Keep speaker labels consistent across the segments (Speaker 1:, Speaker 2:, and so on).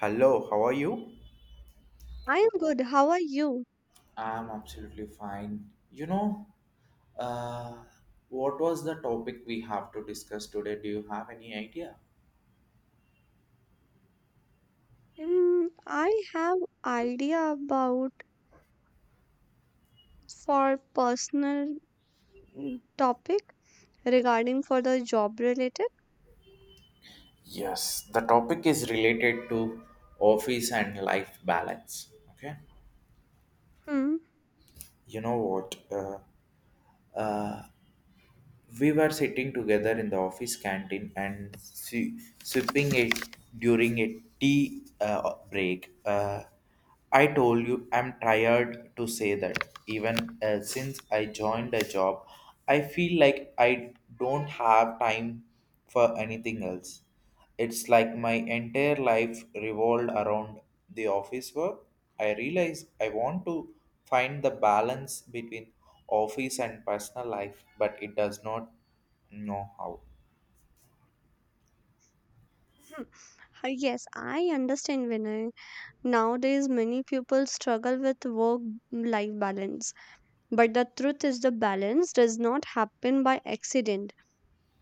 Speaker 1: Hello, how are you?
Speaker 2: I am good. How are you?
Speaker 1: I'm absolutely fine. Uh, what was the topic we have to discuss today? Do you have any idea?
Speaker 2: I have idea about for personal topic regarding for the job related.
Speaker 1: Yes, the topic is related to office and life balance. Okay,
Speaker 2: Hmm.
Speaker 1: you know what? Uh, We were sitting together in the office canteen and sipping it during a tea break. I told you I'm tired to say that. Even since I joined the job, I feel like I don't have time for anything else. It's like my entire life revolved around the office work. I realize I want to find the balance between office and personal life, but it does not know how.
Speaker 2: Hmm. Yes, I understand Vinay. Nowadays, many people struggle with work-life balance. But the truth is, the balance does not happen by accident.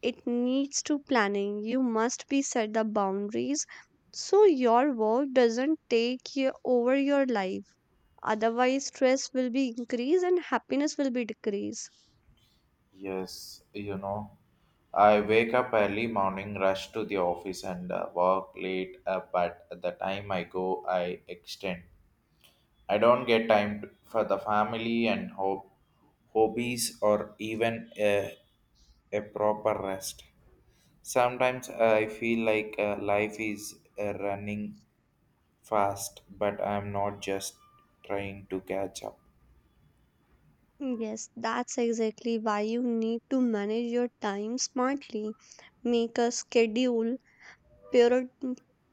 Speaker 2: It needs to planning. You must be set the boundaries so your work doesn't take you over your life. Otherwise, stress will be increased and happiness will be decreased.
Speaker 1: Yes, you know, I wake up early morning, rush to the office, and work late. But at the time I go, I extend. I don't get for the family and hobbies or even a proper rest. Sometimes I feel like life is running fast, but I'm not just trying to catch up.
Speaker 2: Yes, that's exactly why you need to manage your time smartly. Make a schedule, prior-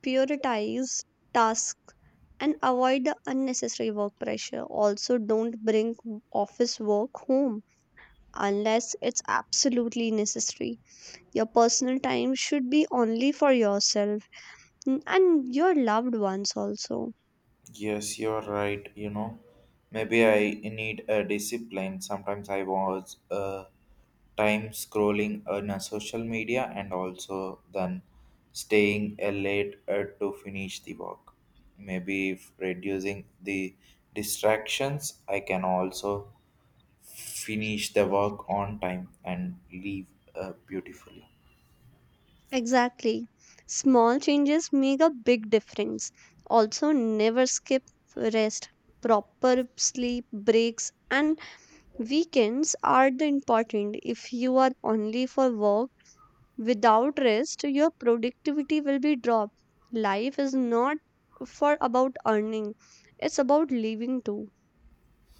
Speaker 2: prioritize tasks, and avoid the unnecessary work pressure. Also, don't bring office work home unless it's absolutely necessary. Your personal time should be only for yourself and your loved ones also.
Speaker 1: Yes, you're right. You know, maybe I need a discipline. Sometimes I was time scrolling on a social media and also then staying late to finish the work. Maybe if reducing the distractions, I can also finish the work on time and leave beautifully.
Speaker 2: Exactly. Small changes make a big difference. Also, never skip rest. Proper sleep, breaks, and weekends are the important. If you are only for work without rest, your productivity will be dropped. Life is not for about earning, it's about living too.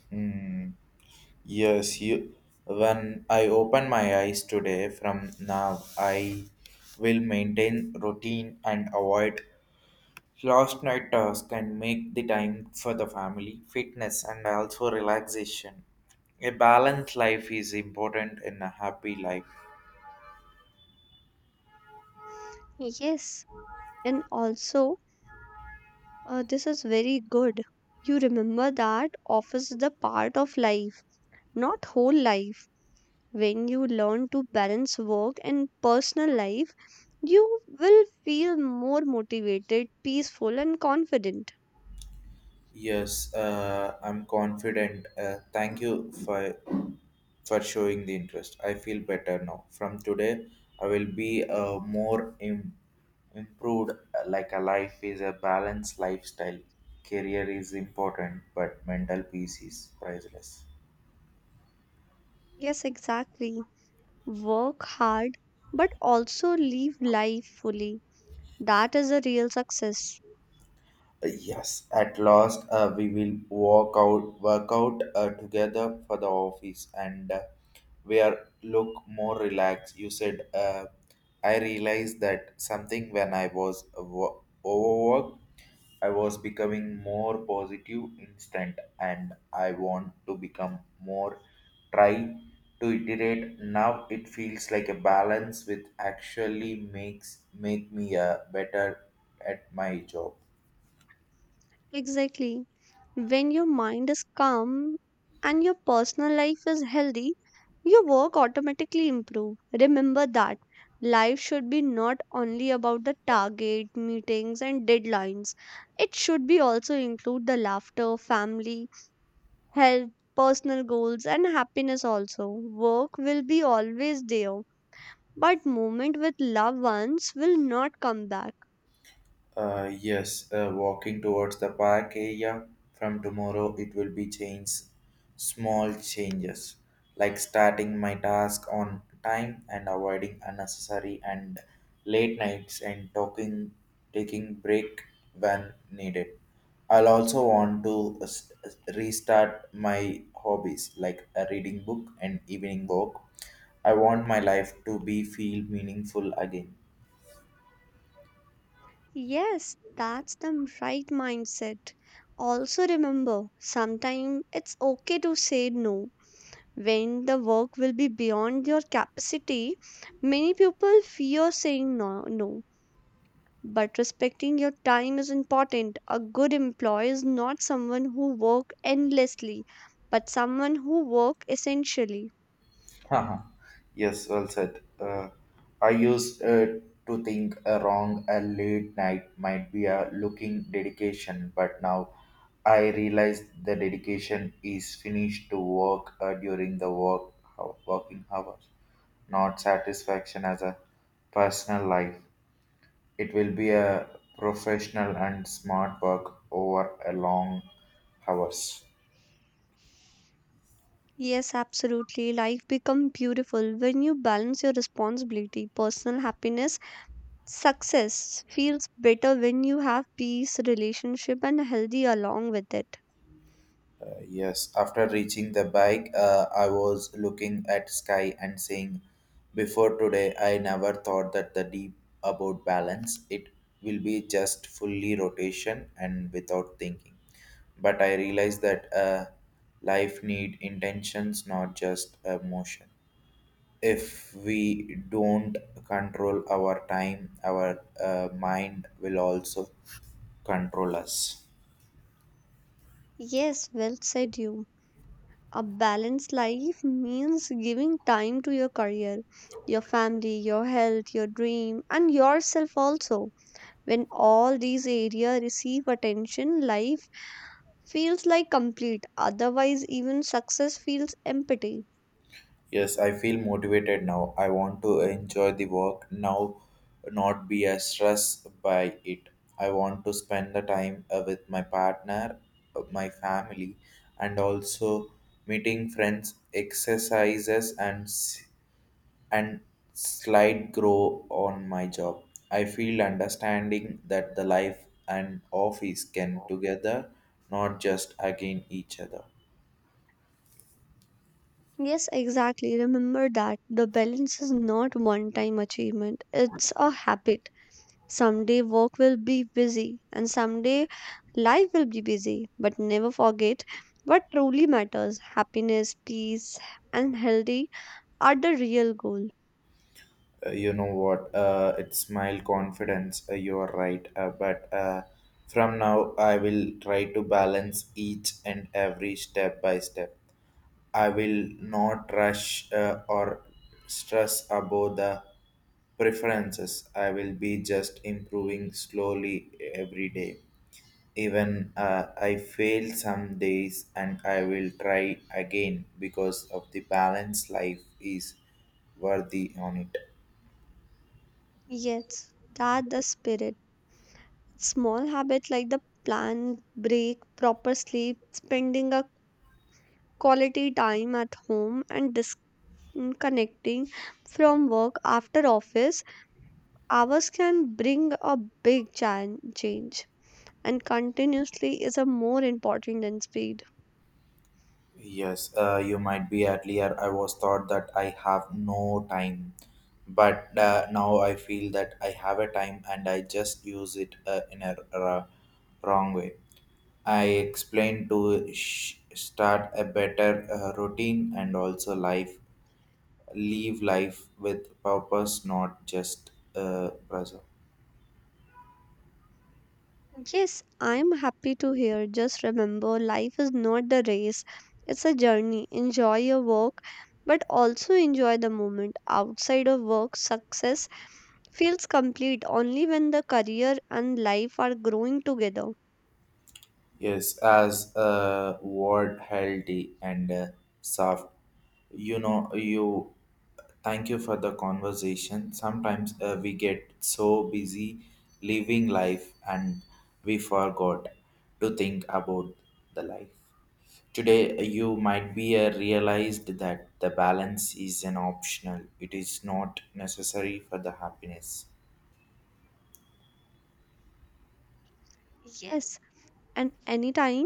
Speaker 1: Hmm. Yes, you. When I open my eyes today, from now I will maintain routine and avoid last night task and make the time for the family, fitness, and also relaxation. A balanced life is important in a happy life.
Speaker 2: Yes, and also, this is very good. You remember that office is the part of life, not whole life. When you learn to balance work and personal life, you will feel more motivated, peaceful, and confident.
Speaker 1: Yes, I'm confident. Thank you for showing the interest. I feel better now. From today, I will be a more improved. Like a life is a balanced lifestyle. Career is important, but mental peace is priceless.
Speaker 2: Yes, exactly. Work hard, but also live life fully. That is a real success.
Speaker 1: Yes, at last we will walk out, work out together for the office, and we are look more relaxed. You said, I realized that something when I was overworked, I was becoming more positive instant, and I want to become more. Try to iterate now. It feels like a balance, which actually makes make me a better at my job.
Speaker 2: Exactly. When your mind is calm and your personal life is healthy, your work automatically improve. Remember that life should be not only about the target, meetings and deadlines. It should be also include the laughter, family, health, personal goals and happiness also. Work will be always there, but moment with loved ones will not come back.
Speaker 1: Yes, walking towards the park area from tomorrow, it will be change, small changes like starting my task on time and avoiding unnecessary and late nights and talking, taking break when needed. I'll also want to restart my hobbies like a reading book and evening walk. I want my life to be feel meaningful again.
Speaker 2: Yes, that's the right mindset. Also remember, sometimes it's okay to say no. When the work will be beyond your capacity, many people fear saying no, no. But respecting your time is important. A good employee is not someone who work endlessly, but someone who work essentially.
Speaker 1: Haha. Yes, well said. I used to think a wrong a late night might be a looking dedication, but now I realize the dedication is finished to work during the working hours, not satisfaction as a personal life. It will be a professional and smart work over a long hours.
Speaker 2: Yes, absolutely. Life become beautiful when you balance your responsibility, personal happiness. Success feels better when you have peace, relationship, and healthy along with it.
Speaker 1: Yes, after reaching the bike, I was looking at sky and saying, before today, I never thought that the deep about balance. It will be just fully rotation and without thinking. But I realized that life need intentions, not just emotion. If we don't control our time, our mind will also control us.
Speaker 2: Yes, well said you. A balanced life means giving time to your career, your family, your health, your dream, and yourself also. When all these areas receive attention, life feels like complete. Otherwise, even success feels empty.
Speaker 1: Yes, I feel motivated now. I want to enjoy the work now, not be as stressed by it. I want to spend the time with my partner, my family, and also meeting friends, exercises, and slight grow on my job. I feel understanding that the life and office can together, not just again each other.
Speaker 2: Yes, exactly. Remember that the balance is not one time achievement, it's a habit. Someday work will be busy, and someday life will be busy. But never forget what truly matters happiness, peace, and healthy are the real goal.
Speaker 1: You know what? It smile confidence. You are right. But from now, I will try to balance each and every step by step. I will not rush or stress about the preferences. I will be just improving slowly every day. Even I fail some days and I will try again because of the balance life is worthy on it.
Speaker 2: Yes, that the spirit. Small habits like the plan, break, proper sleep, spending a quality time at home and disconnecting from work after office hours can bring a big change and continuously is a more important than speed.
Speaker 1: Yes, you might be earlier. I was thought that I have no time, but now I feel that I have a time and I just use it in wrong way. I explained to start a better routine and also life, leave life with purpose, not just pressure.
Speaker 2: Yes, I'm happy to hear. Just remember, life is not the race, it's a journey. Enjoy your work, but also enjoy the moment outside of work. Success feels complete only when the career and life are growing together.
Speaker 1: Yes, as a word healthy and soft. You know, you thank you for the conversation. Sometimes we get so busy living life and we forgot to think about the life. Today, you might be realized that the balance is an optional, it is not necessary for the happiness.
Speaker 2: Yes, and anytime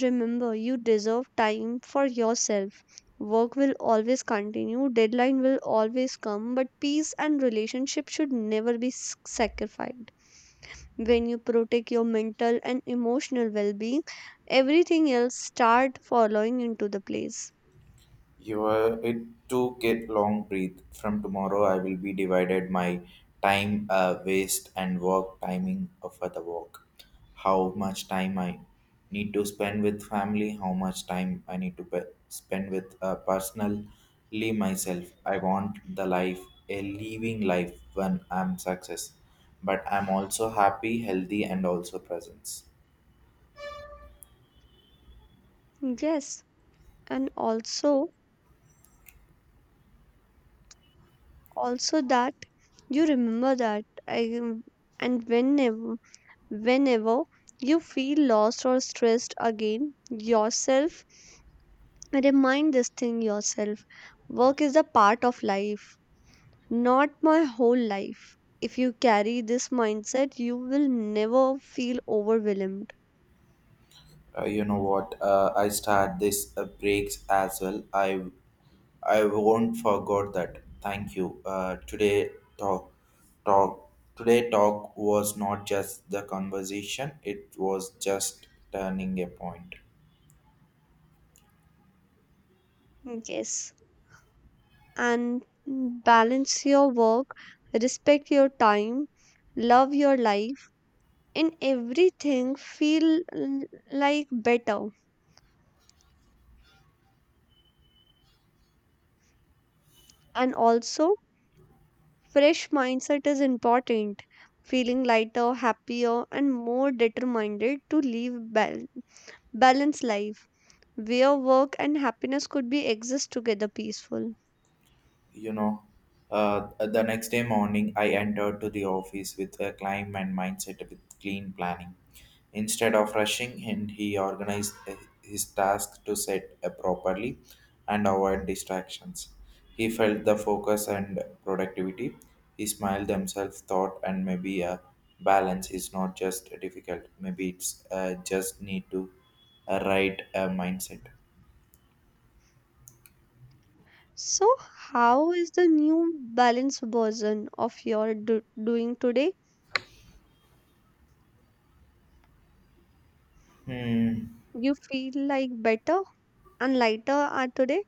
Speaker 2: remember, you deserve time for yourself. Work will always continue, deadline will always come, but peace and relationship should never be sacrificed. When you protect your mental and emotional well-being, everything else start following into the place.
Speaker 1: Your it took it long breath. From tomorrow I will be divided my time waste and work timing for the work. How much time I need to spend with family, how much time I need to spend with personally myself. I want the life, a living life when I'm success. But I'm also happy, healthy and also presence.
Speaker 2: Yes, and also also that you remember that I, and whenever you feel lost or stressed again, yourself. Remind this thing yourself. Work is a part of life, not my whole life. If you carry this mindset, you will never feel overwhelmed.
Speaker 1: You know what? I start this breaks as well I won't forget that. Thank you. Today talk talk talk was not just the conversation. It was just turning a point.
Speaker 2: Yes. And balance your work, respect your time, love your life. In everything, feel l- like better. And also, fresh mindset is important. Feeling lighter, happier, and more determined to live balanced life, where work and happiness could be exist together peaceful.
Speaker 1: You know, the next day morning I entered to the office with a climb and mindset with clean planning instead of rushing and he organized his task to set properly and avoid distractions. He felt the focus and productivity. He smiled himself thought and maybe a balance is not just difficult, maybe it's just need to right mindset.
Speaker 2: So how is the new balanced version of your doing today?
Speaker 1: Hmm.
Speaker 2: You feel like better and lighter are today?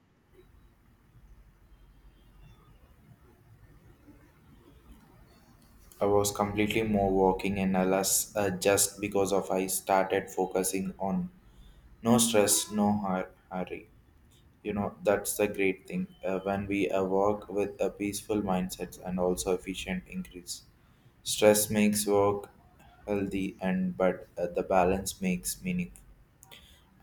Speaker 1: I was completely more walking and alas, just because of I started focusing on no stress, no hurry. You know that's the great thing when we work with a peaceful mindset and also efficient increase. Stress makes work healthy and but the balance makes meaning.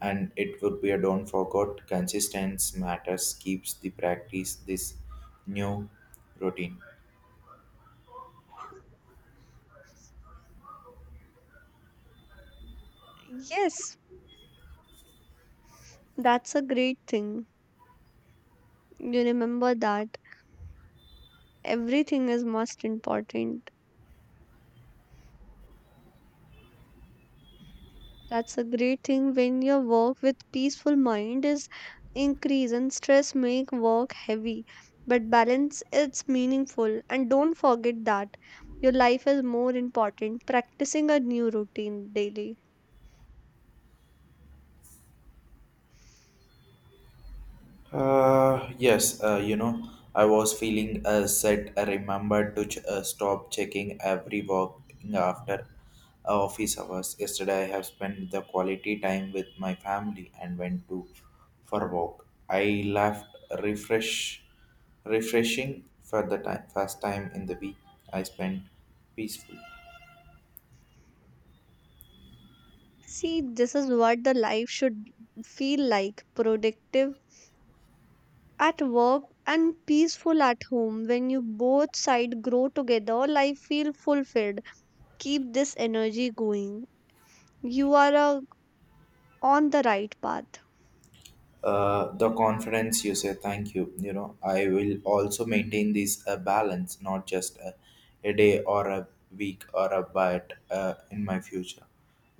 Speaker 1: And it would be a don't forget consistency matters keeps the practice this new routine.
Speaker 2: Yes, that's a great thing. You remember that everything is most important. That's a great thing when your work with peaceful mind is increase and stress make work heavy. But balance it's meaningful and don't forget that your life is more important. Practicing a new routine daily.
Speaker 1: Yes, you know, I was feeling set. I remembered to stop checking every walk after office hours. Yesterday, I have spent the quality time with my family and went to for a walk. I left refresh, refreshing for the time, first time in the week. I spent peaceful.
Speaker 2: See, this is what the life should feel like productive at work and peaceful at home. When you both side grow together, life feel fulfilled. Keep this energy going. You are on the right path.
Speaker 1: Uh, the conference you say thank you. You know, I will also maintain this balance not just a day or a week or a but in my future,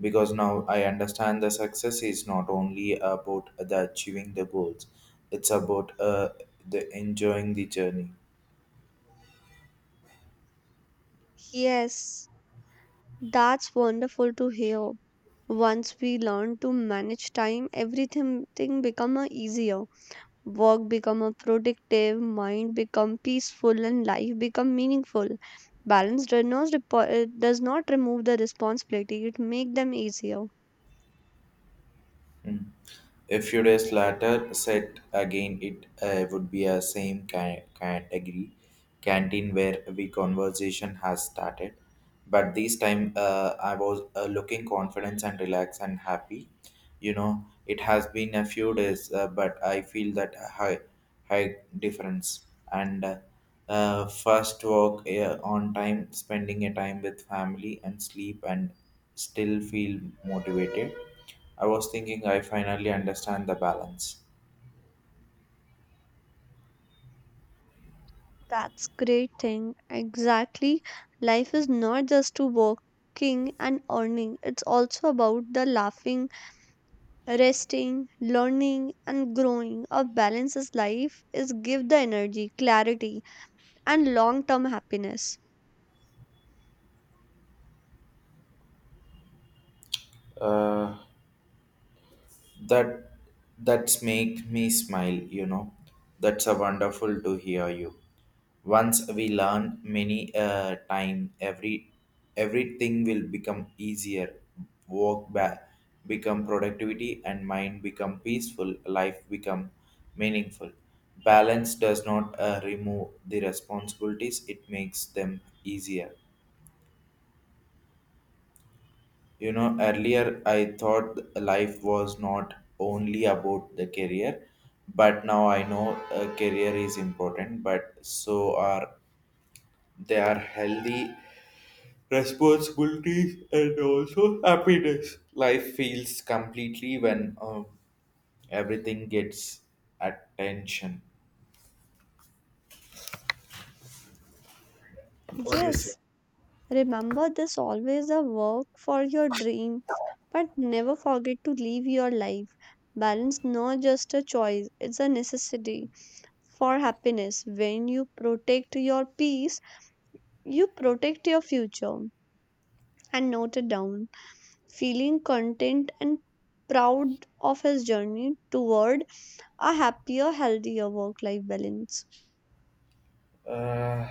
Speaker 1: because now I understand the success is not only about the achieving the goals, it's about the enjoying the journey.
Speaker 2: Yes, that's wonderful to hear. Once we learn to manage time, everything thing become a easier. Work become a productive, mind become peaceful, and life become meaningful. Balance does not does not remove the responsibility; it make them easier.
Speaker 1: Mm. A few days later, set again it would be a same category canteen where we conversation has started. But this time, I was looking confident and relaxed and happy. You know, it has been a few days, but I feel that high difference. And first walk on time, spending a time with family and sleep, and still feel motivated. I was thinking I finally understand the balance.
Speaker 2: That's great thing. Exactly, life is not just to working and earning. It's also about the laughing resting, learning, and growing. A balanced life is give the energy, clarity, and long-term happiness.
Speaker 1: Uh, that that's make me smile, you know. That's a wonderful to hear you. Once we learn many time, everything will become easier. Work back become productivity and mind become peaceful. Life become meaningful. Balance does not remove the responsibilities; it makes them easier. You know, earlier I thought life was not only about the career, but now I know a career is important, but so are they are healthy responsibilities and also happiness. Life feels completely when everything gets attention. What do you say?
Speaker 2: Yes, remember this always a work for your dream, but never forget to live your life. Balance not just a choice, it's a necessity for happiness. When you protect your peace, you protect your future. And note it down. Feeling content and proud of his journey toward a happier, healthier work life balance.
Speaker 1: Uh,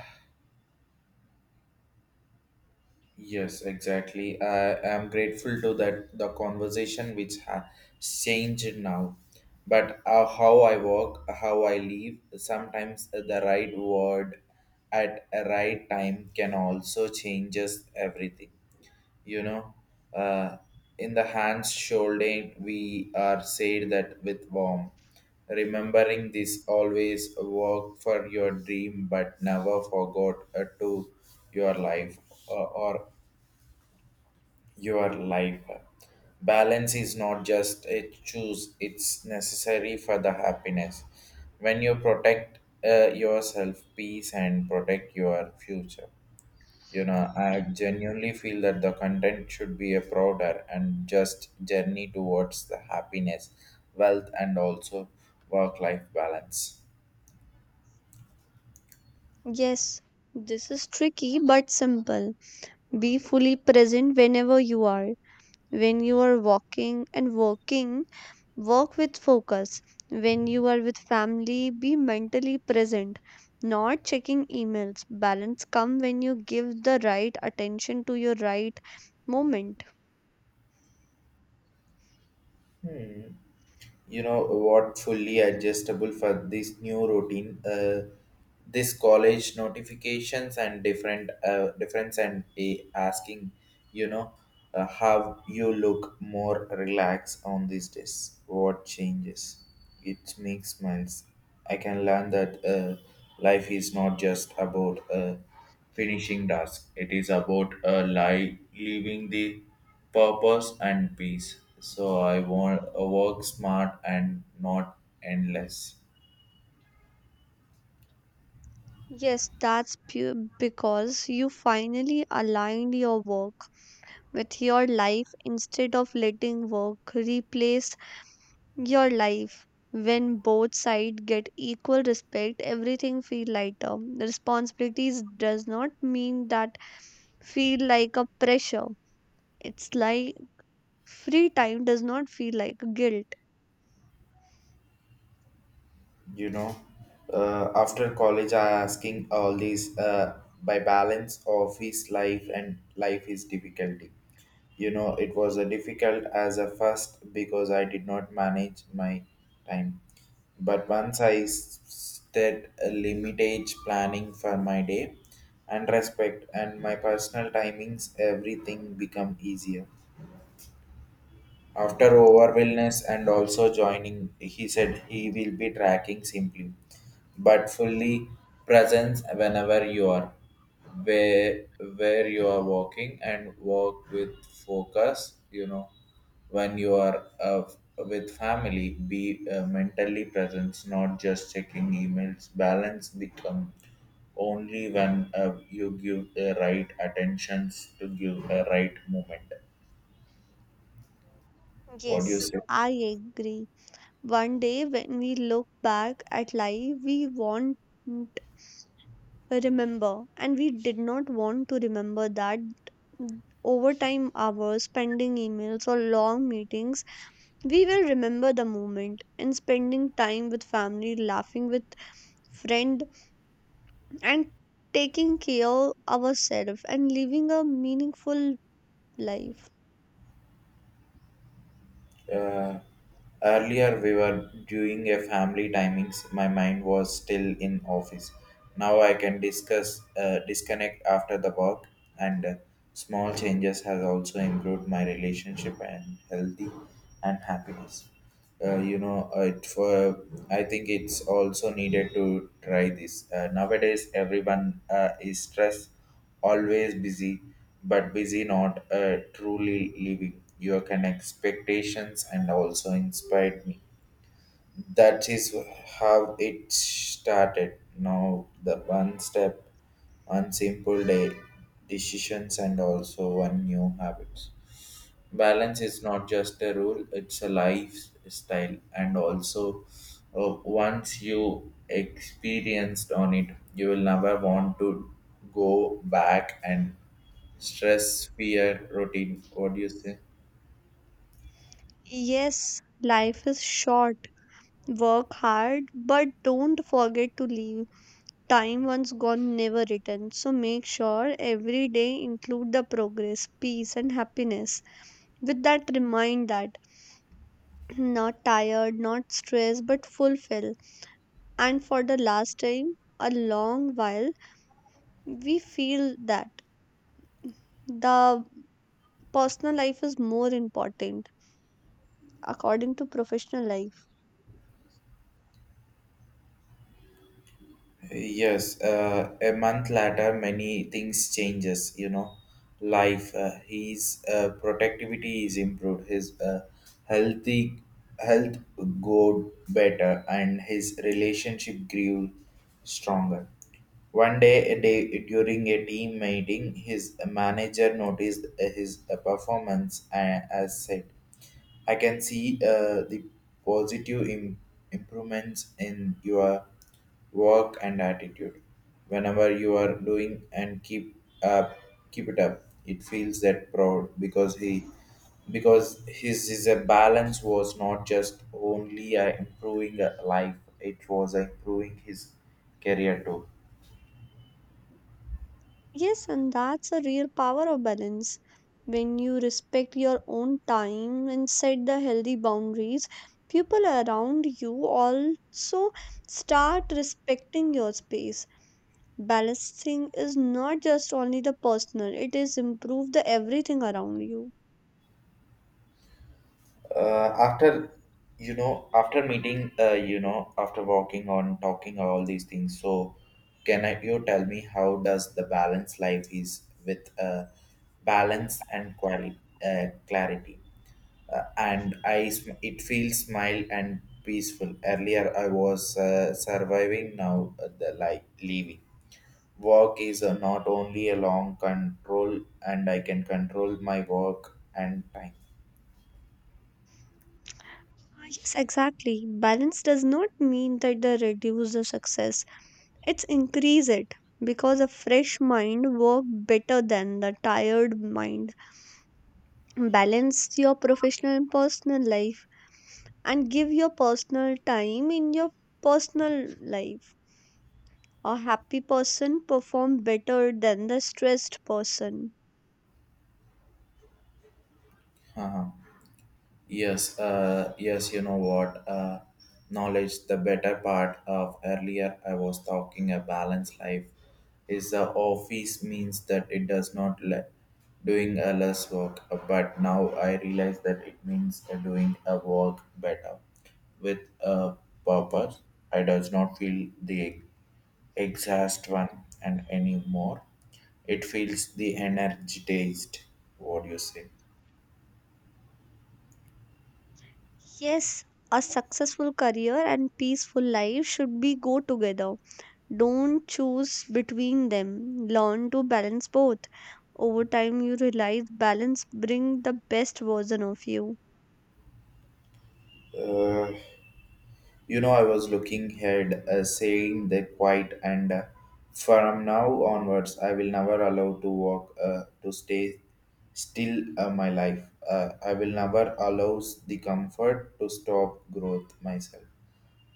Speaker 1: Yes, exactly. I am grateful to that the conversation which has changed now. But how I walk, how I live, sometimes the right word at a right time can also changes everything. You know, uh, in the hands shoulder we are said that with warm. Remembering this always work for your dream, but never forgot to your life or your life. Balance is not just a choose, it's necessary for the happiness. When you protect yourself, peace, and protect your future. You know, I genuinely feel that the content should be a broader and just journey towards the happiness, wealth, and also work life balance.
Speaker 2: Yes, this is tricky but simple. Be fully present whenever you are. When you are walking and working, work with focus. When you are with family, be mentally present. Not checking emails. Balance come when you give the right attention to your right moment.
Speaker 1: Hmm. You know what? Fully adjustable for this new routine, this college notifications and different difference and a asking. You know, how you look more relaxed on these days, what changes it makes sense. I can learn that life is not just about finishing task. It is about living the purpose and peace. So I want work smart and not endless.
Speaker 2: Yes, that's pure because you finally aligned your work with your life instead of letting work replace your life. When both sides get equal respect, everything feel lighter. Responsibilities does not mean that feel like a pressure. It's like free time does not feel like guilt.
Speaker 1: you know After college I asking all these by balance office life and life is difficulty. It was a difficult as a first because I did not manage my time. But once I set a limitage planning for my day and respect and my personal timings everything become easier after overwhelmness and also joining, he said he will be tracking simply, but fully presence whenever you are, where where you are walking and walk with focus. You know, when you are with family, be mentally present, not just checking emails. Balance become only when you give the right attentions to give a right moment. What do you
Speaker 2: Yes,
Speaker 1: say?
Speaker 2: I agree. One day when we look back at life, we want remember and we did not want to remember that overtime hours pending emails or long meetings. We will remember the moment and spending time with family, laughing with friend, and taking care of ourselves and living a meaningful life.
Speaker 1: Uh, Earlier we were doing a family timings. My mind was still in office. Now I can discuss disconnect after the work, and small changes has also improved my relationship and healthy and happiness. You know, it for I think it's also needed to try this. Nowadays, everyone is stressed always busy, but busy not truly living. Your can expectations and also inspired me. That is how it started. Now the one step, one simple day, decisions and also one new habits balance is not just a rule, it's a lifestyle and also once you experienced on it you will never want to go back and stress fear routine. What do you say?
Speaker 2: Yes, life is short. Work hard, but don't forget to live. Time once gone, never returned. So make sure every day include the progress, peace, and happiness. With that, remind that not tired, not stressed, but fulfilled. And for the last time, a long while, we feel that the personal life is more important according to professional life.
Speaker 1: Yes, a month later, many things changes. You know, life. His productivity is improved. His healthy health got better, and his relationship grew stronger. One day, a day during a team meeting, his manager noticed his performance and as said, I can see the positive improvements in your work and attitude. Whenever you are doing and keep up, keep it up. It feels that proud because his is a balance was not just only improving a life. It was improving his career too.
Speaker 2: Yes, and that's a real power of balance. When you respect your own time and set the healthy boundaries, people around you also start respecting your space. Balancing is not just only the personal, it is improve the everything around you.
Speaker 1: After after meeting, after walking on talking all these things so can you tell me how does the balance life is with balance and clarity and I it feels smile and peaceful. Earlier I was surviving. Now the like leaving work is not only a long control and I can control my work and time.
Speaker 2: Ah, yes, exactly. Balance does not mean that they reduce the success. It's increase it because a fresh mind work better than the tired mind. Balance your professional and personal life and give your personal time in your personal life. A happy person perform better than the stressed person.
Speaker 1: Yes, yes, you know what? Knowledge, the better part of earlier I was talking a balanced life is the office means that it does not doing a less work, but now I realize that it means doing a work better with a purpose. I does not feel the exhaust one and anymore. It feels the energized. What do you say?
Speaker 2: Yes, a successful career and peaceful life should be go together. Don't choose between them. Learn to balance both. Over time you realize balance bring the best version of you.
Speaker 1: You know, I was looking ahead, saying they quiet, and from now onwards, I will never allow to walk, to stay still my life. I will never allow the comfort to stop growth myself.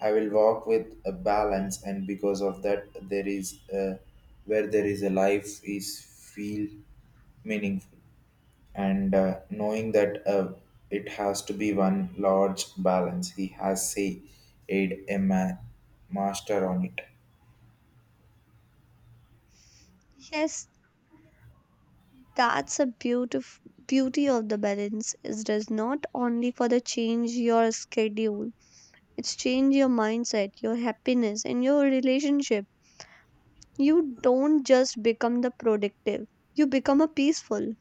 Speaker 1: I will walk with a balance, and because of that, there is where there is a life is feel meaningful and knowing that it has to be one large balance he has say aid a ma- master on it.
Speaker 2: Yes, That's a beautif- beauty of the balance. It does not only for the change your schedule, it's change your mindset, your happiness, and your relationship. You don't just become the productive, you become a peaceful.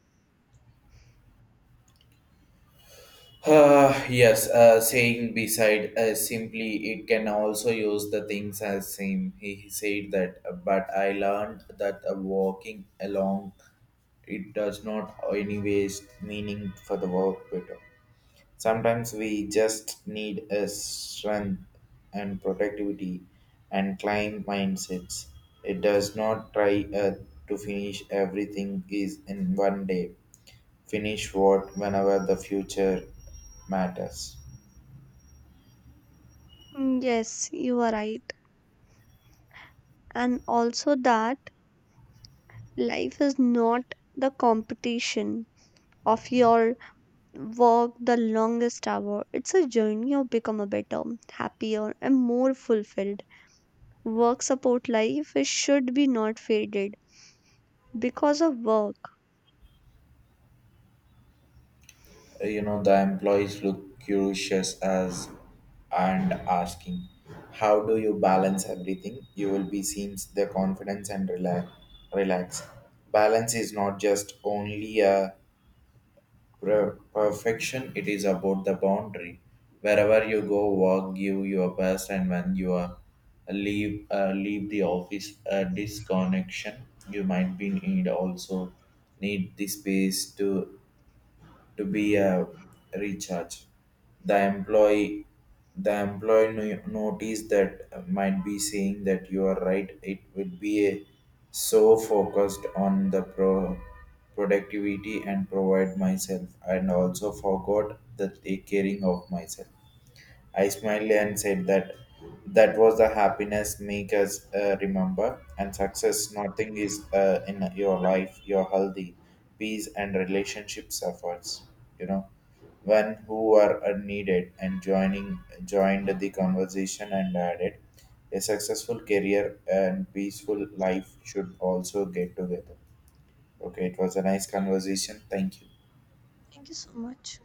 Speaker 1: Yes, saying beside simply it can also use the things as same he said that but I learned that walking along it does not anyways meaning for the work better. Sometimes we just need a strength and productivity and climb mindsets. It does not try to finish everything is in one day. Finish what whenever the future matters.
Speaker 2: Yes, you are right. And also that life is not the competition of your work the longest hour. It's a journey of become a better, happier, and more fulfilled. Work support life is should be not faded because of work.
Speaker 1: You know the employees look curious as and asking, how do you balance everything? You will be seen the confidence and relax. Balance is not just only a perfection, it is about the boundary wherever you go work give your best and when you are leave the office disconnection you might be need also need the space to be a recharge. The employee the employee notice that might be saying that you are right. It would be a, so focused on the productivity and provide myself and also forgot the take caring of myself. I smiled and said that was the happiness make us remember and success. Nothing is in your life, your healthy, peace and relationship suffers. You know, when who are needed and joining joined the conversation and added a successful career and peaceful life should also get together. Okay, it was a nice conversation. Thank you.
Speaker 2: Thank you so much.